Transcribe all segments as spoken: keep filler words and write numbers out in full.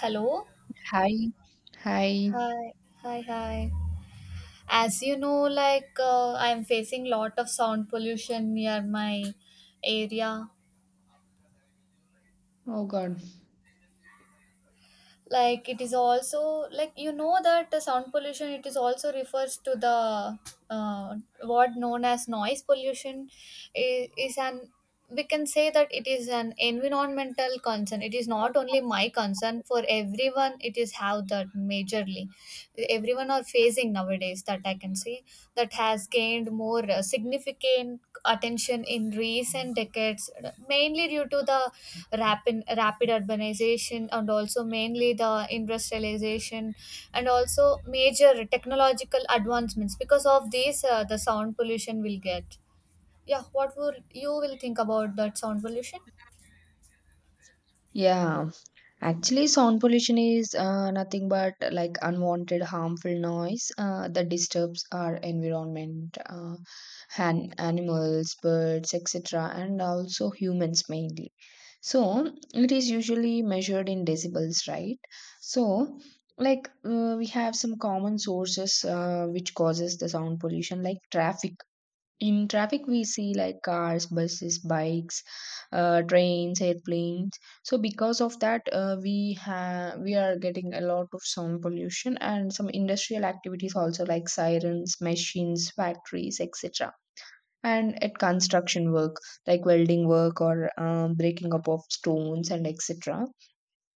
Hello. Hi. Hi. Hi. Hi. Hi. As you know, like uh, I'm facing lot of sound pollution near my area. Oh God. Like it is also like you know that the sound pollution it is also refers to the uh, what known as noise pollution is, is an we can say that it is an environmental concern. It is not only my concern for everyone. It is how that majorly everyone are facing nowadays that I can say that has gained more uh, significant attention in recent decades mainly due to the rapid rapid urbanization and also mainly the industrialization and also major technological advancements because of these uh, the sound pollution will get. Yeah, what would you will think about that sound pollution? Yeah. Actually, sound pollution is uh, nothing but uh, like unwanted harmful noise uh, that disturbs our environment, uh, and animals, birds, et cetera, and also humans mainly. So it is usually measured in decibels, right? So like uh, we have some common sources uh, which causes the sound pollution like traffic. In traffic, we see like cars, buses, bikes, uh, trains, airplanes. So because of that, uh, we have we are getting a lot of sound pollution, and some industrial activities also like sirens, machines, factories, et cetera. And at construction work like welding work or um, breaking up of stones and et cetera.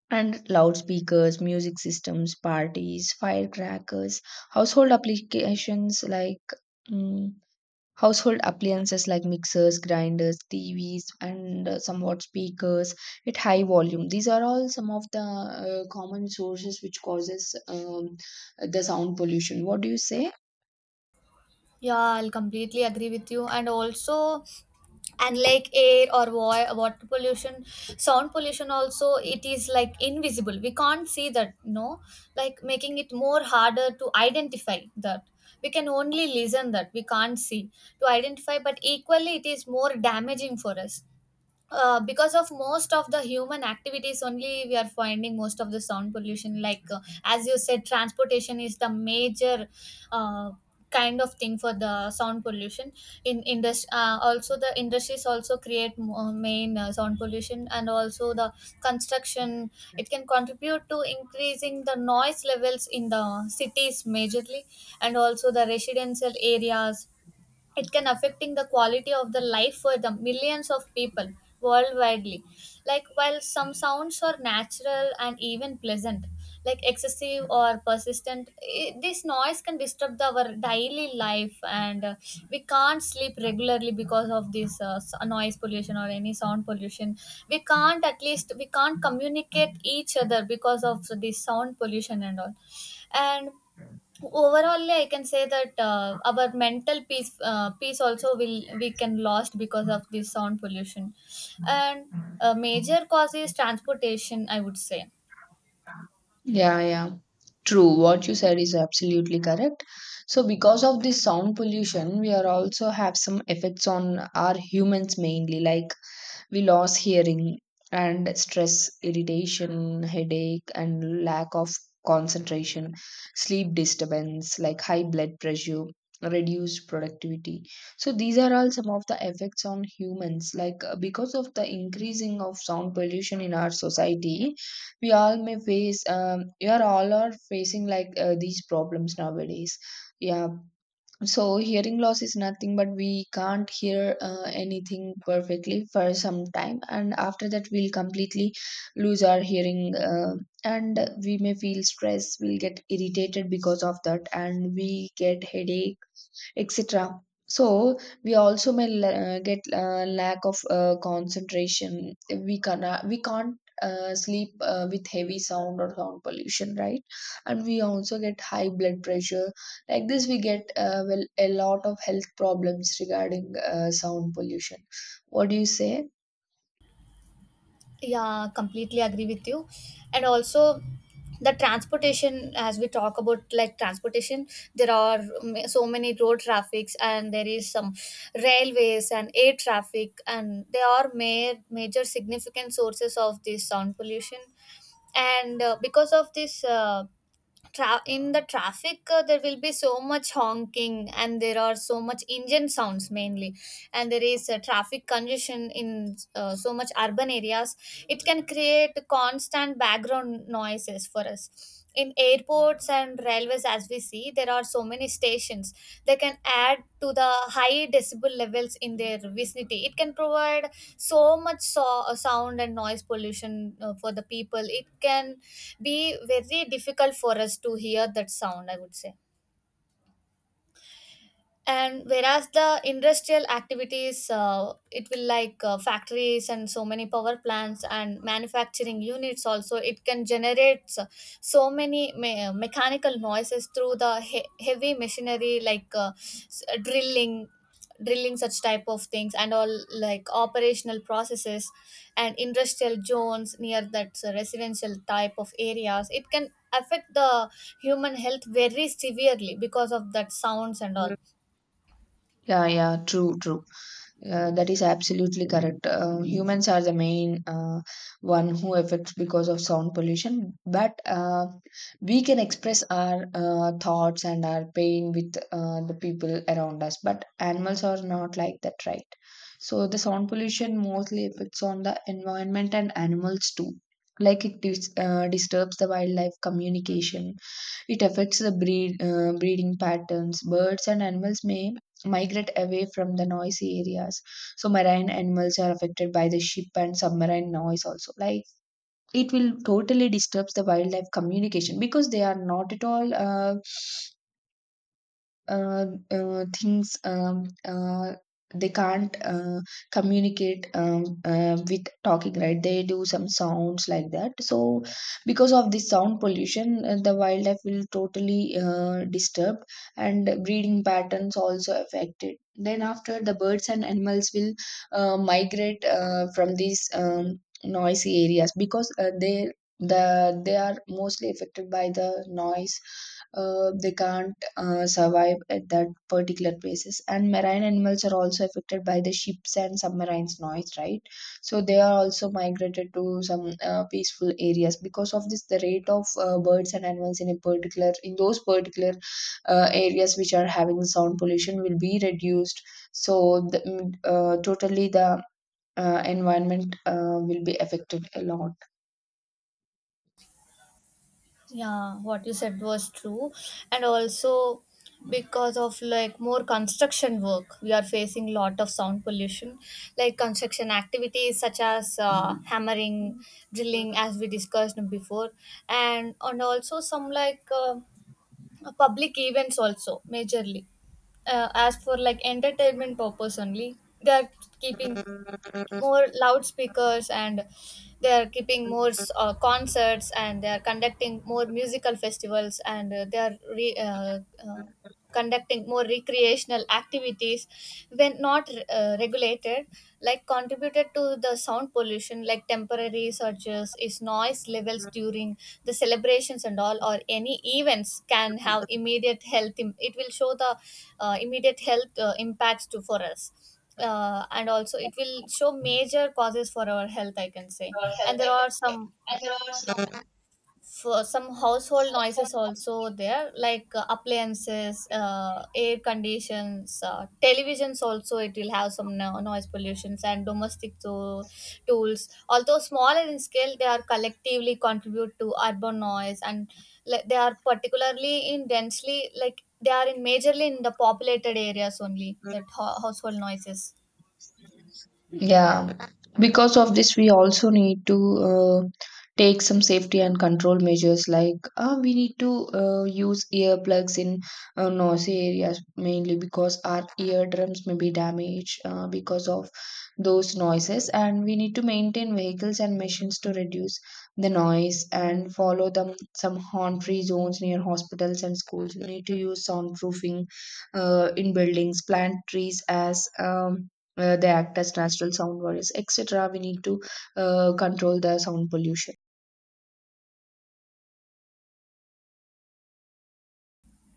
And loudspeakers, music systems, parties, firecrackers, household applications like. mm, Household appliances like mixers, grinders, T Vs, and uh, somewhat speakers at high volume. These are all some of the uh, common sources which causes um, the sound pollution. What do you say? Yeah, I'll completely agree with you. And also, and like air or wa- water pollution, sound pollution also, it is like invisible. We can't see that, no? Like making it more harder to identify that. We can only listen that. We can't see to identify, but equally, it is more damaging for us uh, because of most of the human activities only we are finding most of the sound pollution like uh, as you said transportation is the major uh, kind of thing for the sound pollution in industry uh, also the industries also create mo- main uh, sound pollution and also the construction it can contribute to increasing the noise levels in the cities majorly and also the residential areas it can affecting the quality of the life for the millions of people worldwidely, like while some sounds are natural and even pleasant, like excessive or persistent I this noise can disturb the, our daily life and uh, we can't sleep regularly because of this uh, s- noise pollution or any sound pollution. We can't at least we can't communicate each other because of this sound pollution and all. And overally, I can say that uh, our mental peace uh, peace also will we can lost because of this sound pollution, and a major cause is transportation, I would say. Yeah, yeah. True, what you said is absolutely correct. So, because of this sound pollution, we are also have some effects on our humans mainly, like we lose hearing and stress, irritation, headache, and lack of concentration, sleep disturbance like high blood pressure, reduced productivity. So these are all some of the effects on humans. Like uh, because of the increasing of sound pollution in our society, we all may face. Um, we are all are facing like uh, these problems nowadays. Yeah, so hearing loss is nothing but we can't hear uh, anything perfectly for some time, and after that we'll completely lose our hearing uh, And we may feel stress, we'll get irritated because of that, and we get headache, etc. So we also may la- get uh, lack of uh, concentration. We can we can't uh, sleep uh, with heavy sound or sound pollution, right? And we also get high blood pressure. Like this, we get uh, well, a lot of health problems regarding uh, sound pollution. What do you say? Yeah, completely agree with you. And also, the transportation, as we talk about like transportation, there are ma- so many road traffics, and there is some railways and air traffic, and they are ma- major significant sources of this sound pollution. And uh, because of this, uh, tra- in the traffic uh, there will be so much honking and there are so much engine sounds mainly and there is uh, traffic congestion in uh, so much urban areas. It can create constant background noises for us. In airports and railways, as we see, there are so many stations, they can add to the high decibel levels in their vicinity. It can provide so much so- sound and noise pollution uh, for the people. It can be very difficult for us to hear that sound, I would say. And whereas the industrial activities, uh, it will like uh, factories and so many power plants and manufacturing units also it can generate so so many me- uh, mechanical noises through the he- heavy machinery like uh, s- drilling drilling such type of things and all, like operational processes and industrial zones near that uh, residential type of areas, it can affect the human health very severely because of that sounds and Yeah. all. Yeah, yeah, true, true. Uh, that is absolutely correct. Uh, humans are the main uh, one who affects because of sound pollution, but uh, we can express our uh, thoughts and our pain with uh, the people around us. But animals are not like that, right? So the sound pollution mostly affects on the environment and animals too. Like it dis- uh, disturbs the wildlife communication, it affects the breed uh, breeding patterns. Birds and animals may migrate away from the noisy areas. So marine animals are affected by the ship and submarine noise also. Like it will totally disturbs the wildlife communication because they are not at all. Uh, uh, uh, things um, uh, they can't uh, communicate um, uh, with talking, right? They do some sounds like that. So because of this sound pollution, uh, the wildlife will totally uh, disturbed, and breeding patterns also affected. Then after, the birds and animals will uh, migrate uh, from these um, noisy areas because uh, they the they are mostly affected by the noise. Uh, they can't uh, survive at that particular places. And marine animals are also affected by the ships and submarines noise, right? So they are also migrated to some uh, peaceful areas. Because of this, the rate of uh, birds and animals in a particular in those particular uh, areas which are having sound pollution will be reduced. So the, mm, uh, totally the uh, environment uh, will be affected a lot, Yeah, what you said was true. And also, because of like more construction work, we are facing lot of sound pollution. Like construction activities such as uh, hammering, drilling, as we discussed before, and and also some like uh, public events also majorly. Uh, as for like entertainment purpose only, they are keeping more loudspeakers and they are keeping more uh, concerts, and they are conducting more musical festivals and uh, they are re, uh, uh, conducting more recreational activities when not uh, regulated, like contributed to the sound pollution, like temporary surges is noise levels during the celebrations and all or any events can have immediate health im- it will show the uh, immediate health uh, impacts to for us uh, and also it will show major causes for our health, I can say. or health And there I are can say. some, And there are some. for some household noises also there like uh, appliances, uh, air conditions, uh, televisions also it will have some no- noise pollutions and domestic to- tools, although smaller in scale, they are collectively contribute to urban noise and like, they are particularly in densely like they are in majorly in the populated areas only that ho- household noises. Yeah, because of this, we also need to uh, take some safety and control measures, like uh, we need to uh, use earplugs in uh, noisy areas mainly, because our eardrums may be damaged uh, because of those noises. And we need to maintain vehicles and machines to reduce the noise, and follow them some horn-free zones near hospitals and schools. We need to use soundproofing uh, in buildings, plant trees as um, uh, they act as natural sound barriers, etc. We need to uh, control the sound pollution.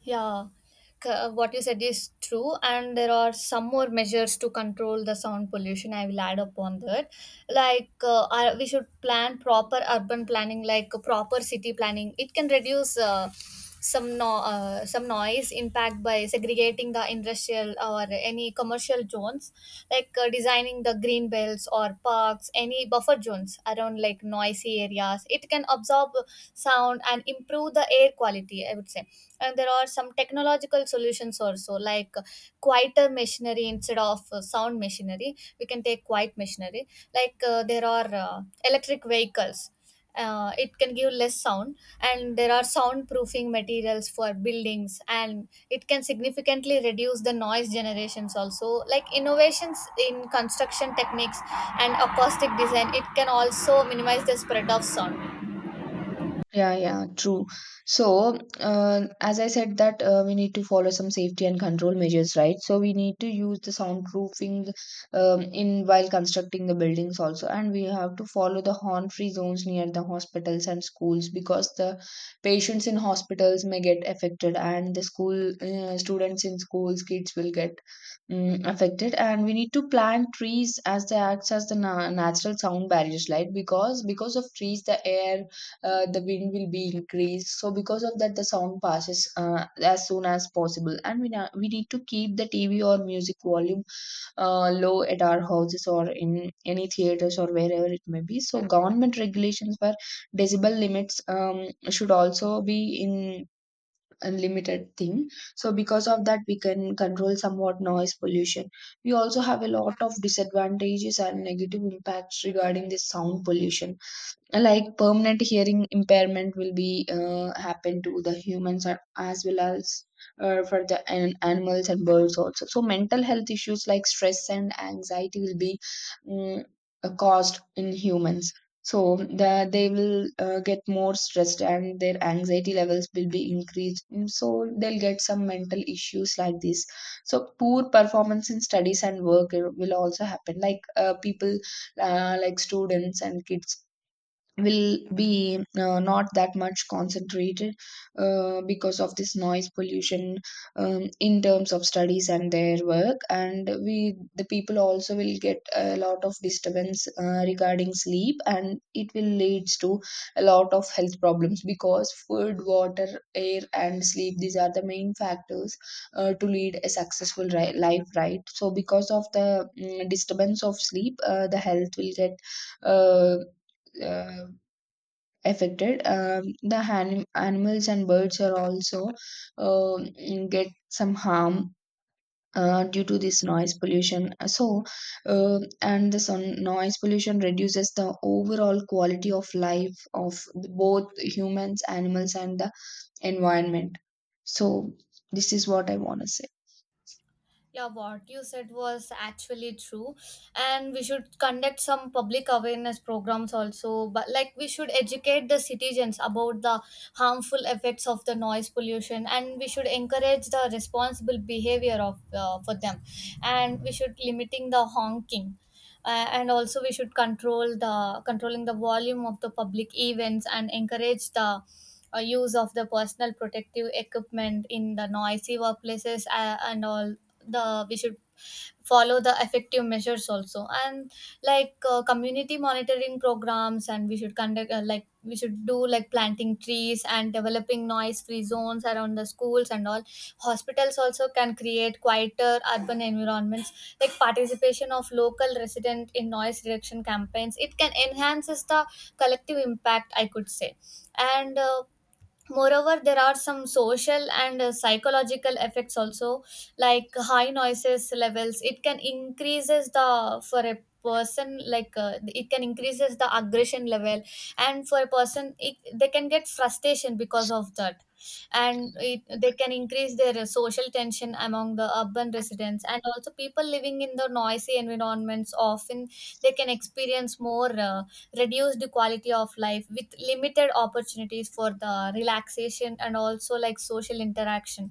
Yeah, c- uh, what you said is true, and there are some more measures to control the sound pollution. I will add upon that. Like, uh, uh, we should plan proper urban planning, like uh, proper city planning. It can reduce uh, some no- uh, some noise impact by segregating the industrial or any commercial zones, like uh, designing the green belts or parks, any buffer zones around like noisy areas. It can absorb sound and improve the air quality, I would say. And there are some technological solutions also, like uh, quieter machinery. Instead of uh, sound machinery, we can take quiet machinery, like uh, there are uh, electric vehicles, uh, it can give less sound. And there are soundproofing materials for buildings and it can significantly reduce the noise generations also, like innovations in construction techniques and acoustic design, it can also minimize the spread of sound. Yeah, yeah, true. So, uh, as I said, that uh, we need to follow some safety and control measures, right? So we need to use the soundproofing um, in while constructing the buildings also, and we have to follow the horn-free zones near the hospitals and schools, because the patients in hospitals may get affected, and the school uh, students in schools, kids, will get um, affected. And we need to plant trees as they acts as the na natural sound barriers, right? Because because of trees, the air uh, the wind will be increased. So because of that, the sound passes uh, as soon as possible. And we na- we need to keep the T V or music volume uh, low at our houses or in any theaters or wherever it may be. So government regulations for decibel limits um, should also be in a limited thing. So because of that, we can control somewhat noise pollution. We also have a lot of disadvantages and negative impacts regarding this sound pollution, like permanent hearing impairment will be uh, happen to the humans a- as well as uh, for the an- animals and birds also. So mental health issues like stress and anxiety will be mm, uh, caused in humans. So the, they will uh, get more stressed and their anxiety levels will be increased. Mm, so they'll get some mental issues like this. So poor performance in studies and work uh, will also happen, like uh, people, uh, like students and kids, will be uh, not that much concentrated uh, because of this noise pollution, um, in terms of studies and their work. And we the people also will get a lot of disturbance uh, regarding sleep, and it will leads to a lot of health problems, because food, water, air and sleep, these are the main factors uh, to lead a successful ri- life, right? So because of the mm, disturbance of sleep, uh, the health will get uh, uh, affected. Um, the han- animals and birds are also um get some harm uh, due to this noise pollution. So uh, and the sun noise pollution reduces the overall quality of life of both humans, animals and the environment. So this is what I want to say. Yeah, what you said was actually true, and we should conduct some public awareness programs also. But like, we should educate the citizens about the harmful effects of the noise pollution, and we should encourage the responsible behavior of uh, for them, and we should limiting the honking. Uh, and also we should control the controlling the volume of the public events and encourage the uh, use of the personal protective equipment in the noisy workplaces uh, and all the we should follow the effective measures also. And like uh, community monitoring programs, and we should conduct uh, like we should do like planting trees and developing noise free zones around the schools and all hospitals also can create quieter urban environments. Like participation of local resident in noise reduction campaigns, it can enhances the collective impact, I could say. And uh, moreover, there are some social and uh, psychological effects also, like high noises levels it can increases the for a person, like uh, it can increases the aggression level, and for a person it, they can get frustration because of that. And it, they can increase their uh, social tension among the urban residents. And also people living in the noisy environments often they can experience more uh, reduced quality of life with limited opportunities for the relaxation and also like social interaction.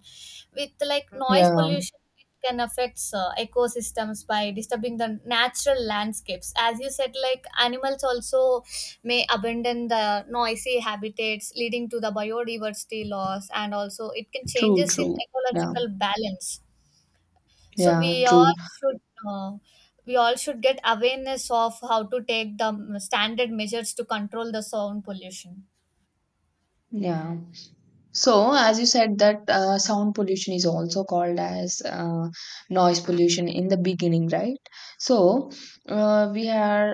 With like noise Yeah, pollution, it can affect uh, ecosystems by disturbing the natural landscapes, as you said, like animals also may abandon the noisy habitats, leading to the biodiversity loss and also it can true, changes in true. Yeah. ecological balance. So Yeah, we true. all should uh, we all should get awareness of how to take the standard measures to control the sound pollution. Yeah. So, as you said, that uh, sound pollution is also called as uh, noise pollution in the beginning, right? So, uh, we are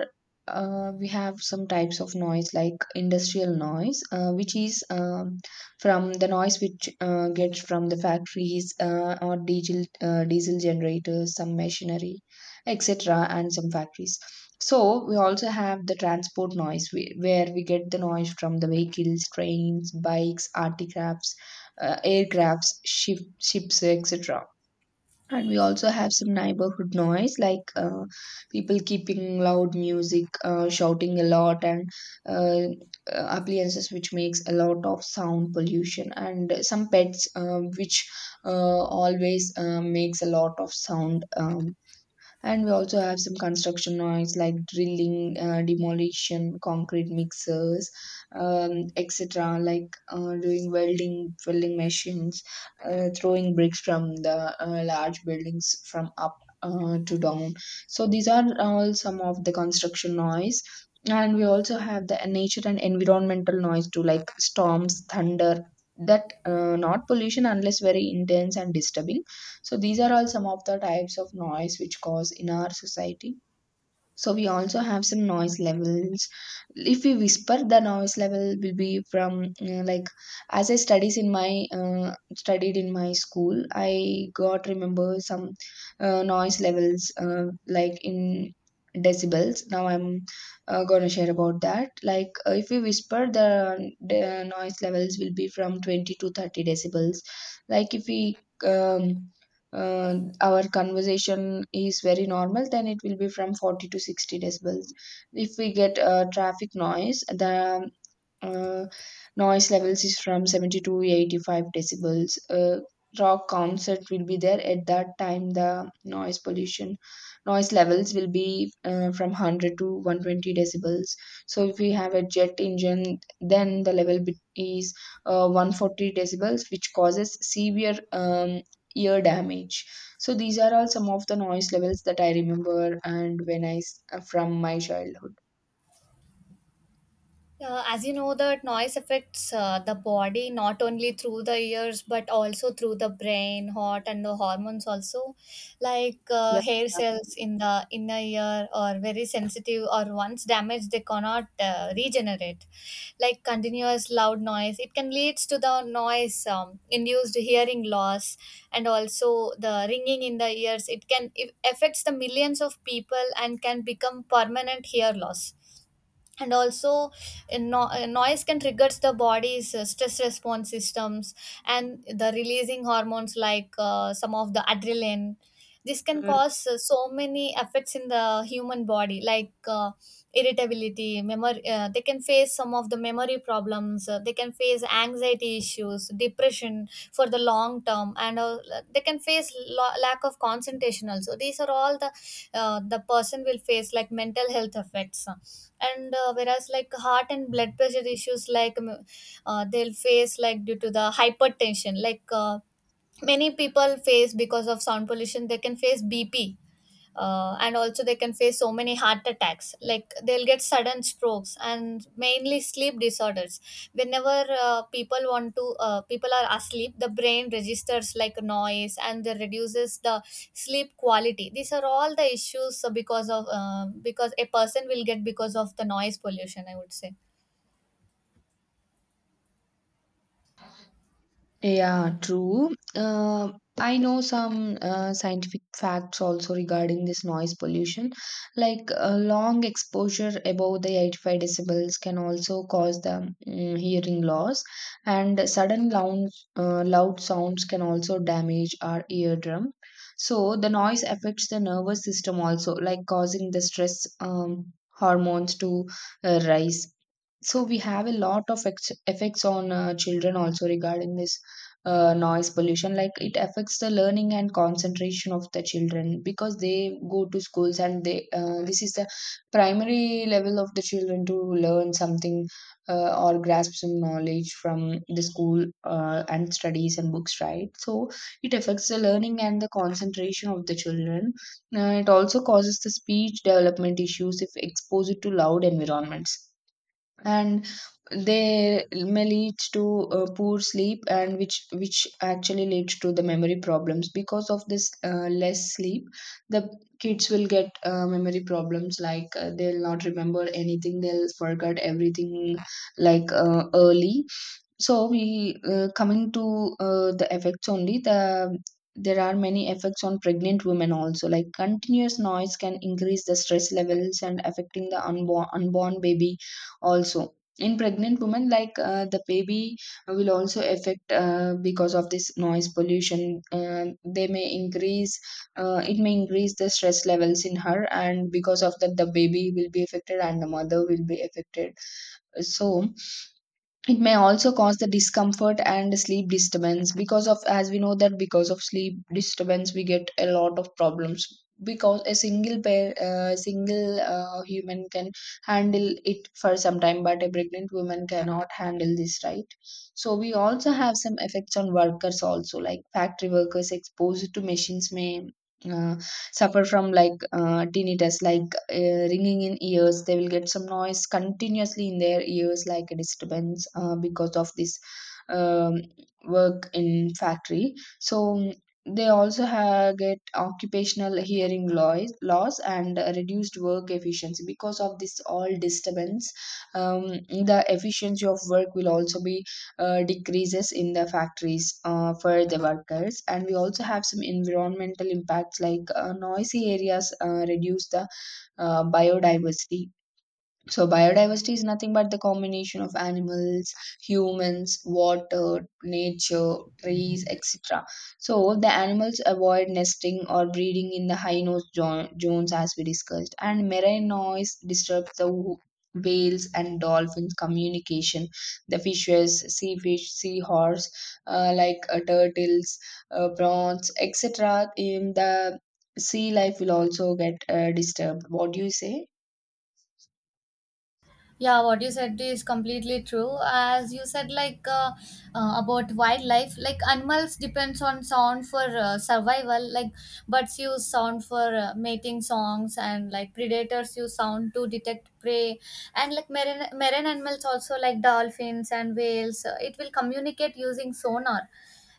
uh, we have some types of noise like industrial noise, uh, which is um, from the noise which uh, gets from the factories uh, or diesel uh, diesel generators, some machinery, et cetera, and some factories. So we also have the transport noise, whe- where we get the noise from the vehicles, trains, bikes, artifacts, uh, aircrafts, ship, ships, et cetera. And we also have some neighborhood noise, like uh, people keeping loud music, uh, shouting a lot, and uh, uh, appliances which makes a lot of sound pollution, and some pets um, which uh, always uh, makes a lot of sound. Um, and we also have some construction noise like drilling, uh, demolition, concrete mixers, um, etc., like uh, doing welding, welding machines, uh, throwing bricks from the uh, large buildings from up uh, to down. So these are all some of the construction noise. And we also have the nature and environmental noise too, like storms, thunder, that uh, not pollution unless very intense and disturbing. So these are all some of the types of noise which cause in our society. So we also have some noise levels. If we whisper, the noise level will be from uh, like as I studies in my uh, studied in my school. I got remember some uh, noise levels uh, like in decibels. Now I'm uh, gonna share about that. Like uh, if we whisper, the, the noise levels will be from twenty to thirty decibels. Like if we um, uh, our conversation is very normal, then it will be from forty to sixty decibels. If we get uh, traffic noise, the uh, noise levels is from seventy to eighty-five decibels. Uh, rock concert will be there, at that time the noise pollution, noise levels will be uh, from one hundred to one hundred twenty decibels. So if we have a jet engine, then the level bit is uh, one hundred forty decibels, which causes severe um, ear damage. So these are all some of the noise levels that I remember and when i s- from my childhood. Yeah. Uh, as you know, that noise affects uh, the body not only through the ears but also through the brain, heart, and the hormones also, like uh, hair cells in the inner ear are very sensitive or once damaged they cannot uh, regenerate. Like continuous loud noise, it can lead to the noise um, induced hearing loss and also the ringing in the ears. It can it affects the millions of people and can become permanent hear loss. And also uh, no- uh, noise can triggers the body's uh, stress response systems and the releasing hormones like uh, some of the adrenaline. This can cause uh, so many effects in the human body, like uh, irritability, memory, uh, they can face some of the memory problems, uh, they can face anxiety issues, depression for the long term, and uh, they can face lo- lack of concentration also. These are all the uh, the person will face like mental health effects. And uh, whereas like heart and blood pressure issues like um, uh, they'll face like due to the hypertension, like uh, many people face because of sound pollution, they can face B P uh, and also they can face so many heart attacks, like they'll get sudden strokes, and mainly sleep disorders. Whenever uh, people want to uh, people are asleep, the brain registers like noise and they reduces the sleep quality. These are all the issues uh, because of uh, because a person will get because of the noise pollution, I would say. Yeah, true. Uh, I know some uh, scientific facts also regarding this noise pollution. Like uh, long exposure above the eighty-five decibels can also cause the mm, hearing loss, and sudden loud, uh, loud sounds can also damage our eardrum. So the noise affects the nervous system also, like causing the stress um, hormones to uh, rise. So we have a lot of ex- effects on uh, children also regarding this uh, noise pollution. Like it affects the learning and concentration of the children because they go to schools, and they uh, this is the primary level of the children to learn something uh, or grasp some knowledge from the school uh, and studies and books, right? So it affects the learning and the concentration of the children. Uh, it also causes the speech development issues if exposed to loud environments, and they may lead to uh, poor sleep, and which which actually leads to the memory problems because of this uh, less sleep. The kids will get uh, memory problems, like uh, they'll not remember anything, they'll forget everything, like uh, early. So we uh, coming to uh, the effects only. The there are many effects on pregnant women also. Like continuous noise can increase the stress levels and affecting the unborn unborn baby also. In pregnant women, like uh, the baby will also affect uh, because of this noise pollution. Uh, they may increase, uh, it may increase the stress levels in her, and because of that, the baby will be affected and the mother will be affected. So it may also cause the discomfort and sleep disturbance, because of as we know that because of sleep disturbance we get a lot of problems, because a single pair uh, single uh, human can handle it for some time, but a pregnant woman cannot handle this, right? So we also have some effects on workers also, like factory workers exposed to machines may uh, suffer from like uh, tinnitus, like uh, ringing in ears. They will get some noise continuously in their ears, like a disturbance uh, because of this um, work in factory. So um, they also have get occupational hearing loss, loss and reduced work efficiency because of this all disturbance. Um, the efficiency of work will also be uh, decreases in the factories uh, for the workers. And we also have some environmental impacts, like uh, noisy areas uh, reduce the uh, biodiversity. So, biodiversity is nothing but the combination of animals, humans, water, nature, trees, et cetera. So, the animals avoid nesting or breeding in the high nose jo- zones, as we discussed, and marine noise disturbs the wh- whales and dolphins communication. The fishes, sea fish, seahorse, uh, like uh, turtles, uh, prawns, etc. in the sea life will also get uh, disturbed. What do you say? Yeah, what you said is completely true. As you said, like uh, uh, about wildlife, like animals depends on sound for uh, survival, like birds use sound for uh, mating songs, and like predators use sound to detect prey. And like marine, marine animals also like dolphins and whales, uh, it will communicate using sonar.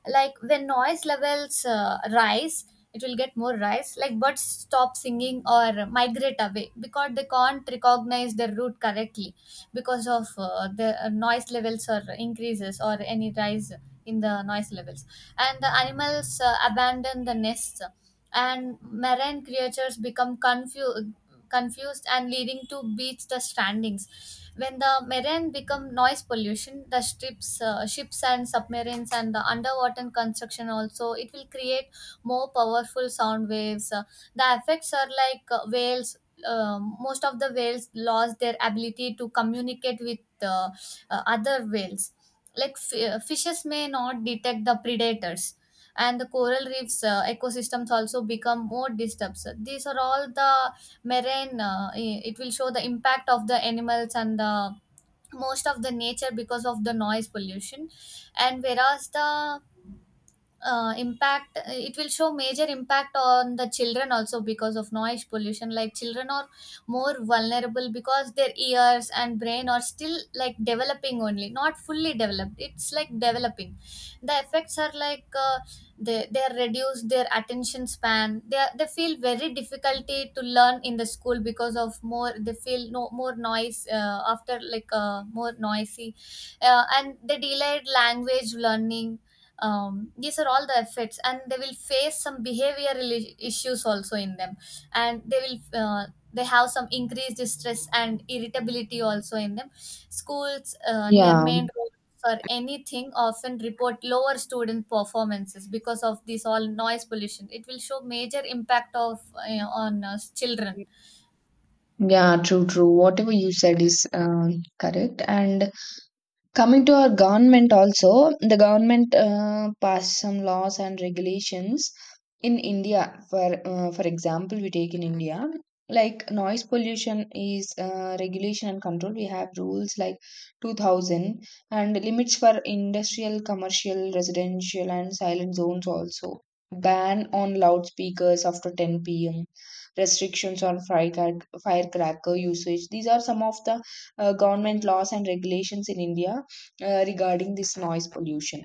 Like when noise levels uh, rise, it will get more rise like birds stop singing or migrate away because they can't recognize their route correctly because of uh, the uh, noise levels or increases or any rise in the noise levels. And the animals uh, abandon the nests, and marine creatures become confused confused and leading to beach the strandings. When the marine become noise pollution, the strips uh, ships and submarines and the underwater construction also, it will create more powerful sound waves. Uh, the effects are like uh, whales. Um, most of the whales lost their ability to communicate with uh, uh, other whales. Like f- uh, fishes may not detect the predators, and the coral reefs uh, ecosystems also become more disturbed. So these are all the marine. Uh, i- it will show the impact of the animals and the most of the nature because of the noise pollution. And whereas the uh, impact, it will show major impact on the children also because of noise pollution. Like children are more vulnerable because their ears and brain are still like developing only, not fully developed, it's like developing. The effects are like uh, they they are reduced their attention span, they are, they feel very difficulty to learn in the school because of more, they feel no more noise uh, after like uh, more noisy, uh, and they delayed language learning. Um, these are all the effects, and they will face some behavioral i- issues also in them. And they will uh, they have some increased stress and irritability also in them. Schools uh, near Yeah, main roads or anything often report lower student performances because of this all noise pollution. It will show major impact of uh, on uh, children. yeah, true, true. Whatever you said is um, correct. And coming to our government also, the government uh, passed some laws and regulations in India. For uh, for example, we take in India, like noise pollution is uh, regulation and control. We have rules like two thousand, and limits for industrial, commercial, residential, and silent zones also. Ban on loudspeakers after ten p m. Restrictions on firecrack- firecracker usage. These are some of the uh, government laws and regulations in India uh, regarding this noise pollution.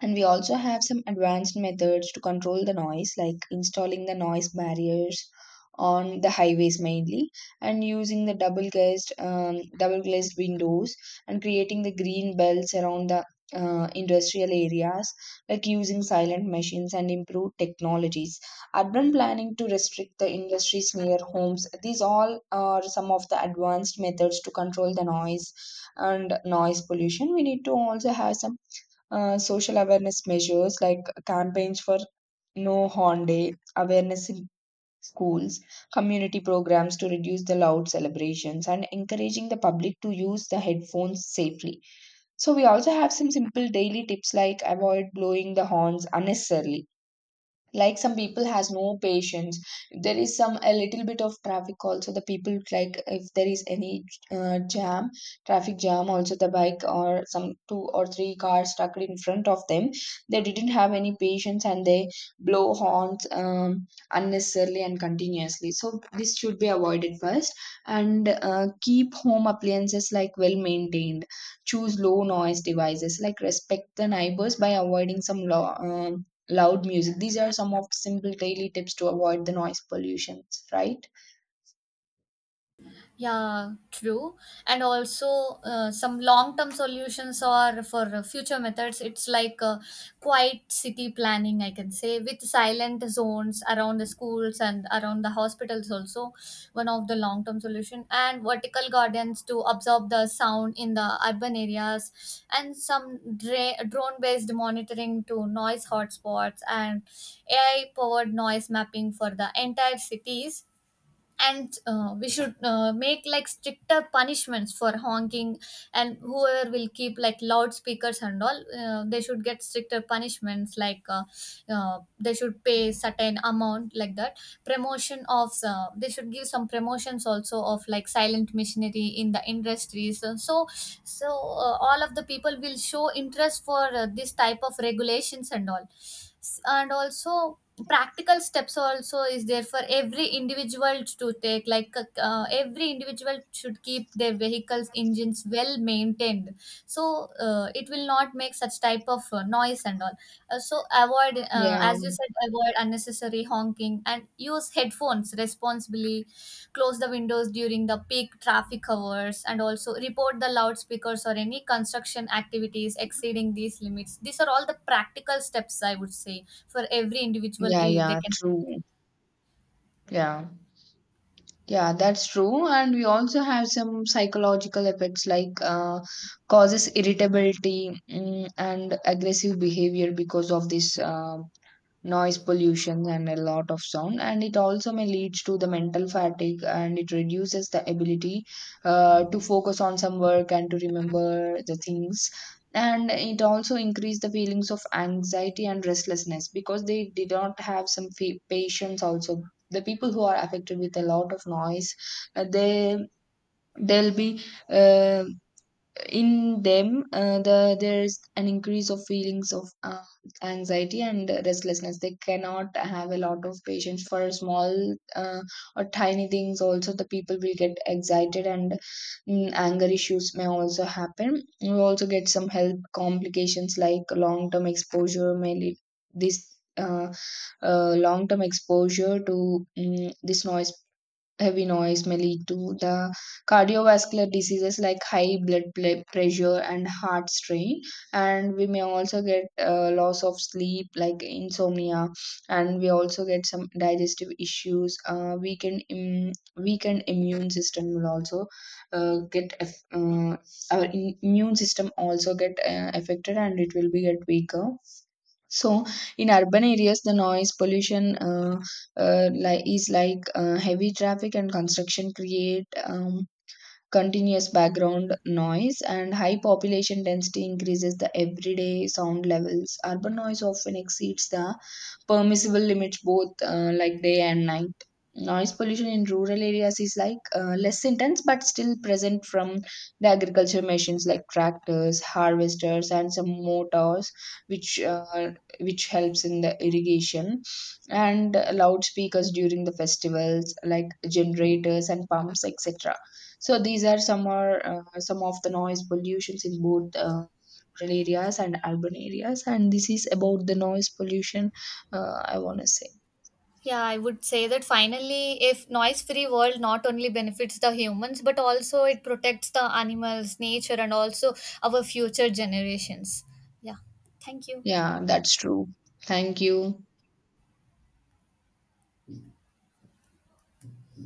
And we also have some advanced methods to control the noise, like installing the noise barriers on the highways mainly, and using the double glazed um, double glazed windows, and creating the green belts around the uh, industrial areas, like using silent machines and improved technologies. Urban planning to restrict the industries near homes. These all are some of the advanced methods to control the noise and noise pollution. We need to also have some uh, social awareness measures, like campaigns for No Horn Day, awareness in schools, community programs to reduce the loud celebrations, and encouraging the public to use the headphones safely. So, we also have some simple daily tips, like avoid blowing the horns unnecessarily. Like some people has no patience. There is some a little bit of traffic also, the people, like if there is any uh, jam, traffic jam also, the bike or some two or three cars stuck in front of them, they didn't have any patience, and they blow horns um, unnecessarily and continuously, so this should be avoided first. And uh, keep home appliances like well maintained, choose low noise devices, like respect the neighbors by avoiding some law um, loud music. These are some of the simple daily tips to avoid the noise pollutions, right? Yeah, true. And also, uh, some long term solutions or for uh, future methods, it's like uh, quiet city planning, I can say, with silent zones around the schools and around the hospitals, also one of the long term solution. And vertical gardens to absorb the sound in the urban areas, and some dra- drone based monitoring to noise hotspots, and A I powered noise mapping for the entire cities. And uh, we should uh, make like stricter punishments for honking, and whoever will keep like loudspeakers and all, uh, they should get stricter punishments like uh, uh, they should pay certain amount like that. Promotion of uh, they should give some promotions also of like silent missionary in the industries, so so so, uh, all of the people will show interest for uh, this type of regulations and all. S- and also practical steps also is there for every individual to take, like uh, uh, every individual should keep their vehicles engines well maintained, so uh, it will not make such type of uh, noise and all. Uh, so avoid, uh, Yeah, as you said, avoid unnecessary honking and use headphones responsibly. Close the windows during the peak traffic hours, and also report the loudspeakers or any construction activities exceeding these limits. These are all the practical steps, I would say, for every individual yeah, eh, they yeah, can take. true. Yeah, yeah, that's true. And we also have some psychological effects, like uh, causes irritability mm, and aggressive behavior because of this. Uh, noise pollution and a lot of sound, and it also may lead to the mental fatigue, and it reduces the ability uh, to focus on some work and to remember the things. And it also increase the feelings of anxiety and restlessness, because they did not have some fa- patience also. The people who are affected with a lot of noise, uh, they they'll be uh, in them uh, the there is an increase of feelings of uh, anxiety and restlessness. They cannot have a lot of patience for small uh, or tiny things also. The people will get excited, and mm, anger issues may also happen. You also get some health complications, like long term exposure may lead this uh, uh, long term exposure to mm this noise, heavy noise, may lead to the cardiovascular diseases, like high blood pl- pressure and heart strain. And we may also get uh, loss of sleep, like insomnia. And we also get some digestive issues. Uh, weakened Im- weakened immune system will also uh, get aff- uh, our in- immune system also get uh, affected, and it will be get weaker. So in urban areas, the noise pollution uh, uh, like is like uh, heavy traffic and construction create um, continuous background noise, and high population density increases the everyday sound levels. Urban noise often exceeds the permissible limits, both uh, like day and night. Noise pollution in rural areas is like uh, less intense but still present from the agriculture machines like tractors, harvesters, and some motors which uh, which helps in the irrigation, and loudspeakers during the festivals like generators and pumps, et cetera. So these are some are uh, some of the noise pollutions in both uh, rural areas and urban areas, and this is about the noise pollution. Uh, I want to say, Yeah, I would say that finally, if noise-free world not only benefits the humans but also it protects the animals, nature, and also our future generations. Yeah, thank you. yeah, that's true. Thank you.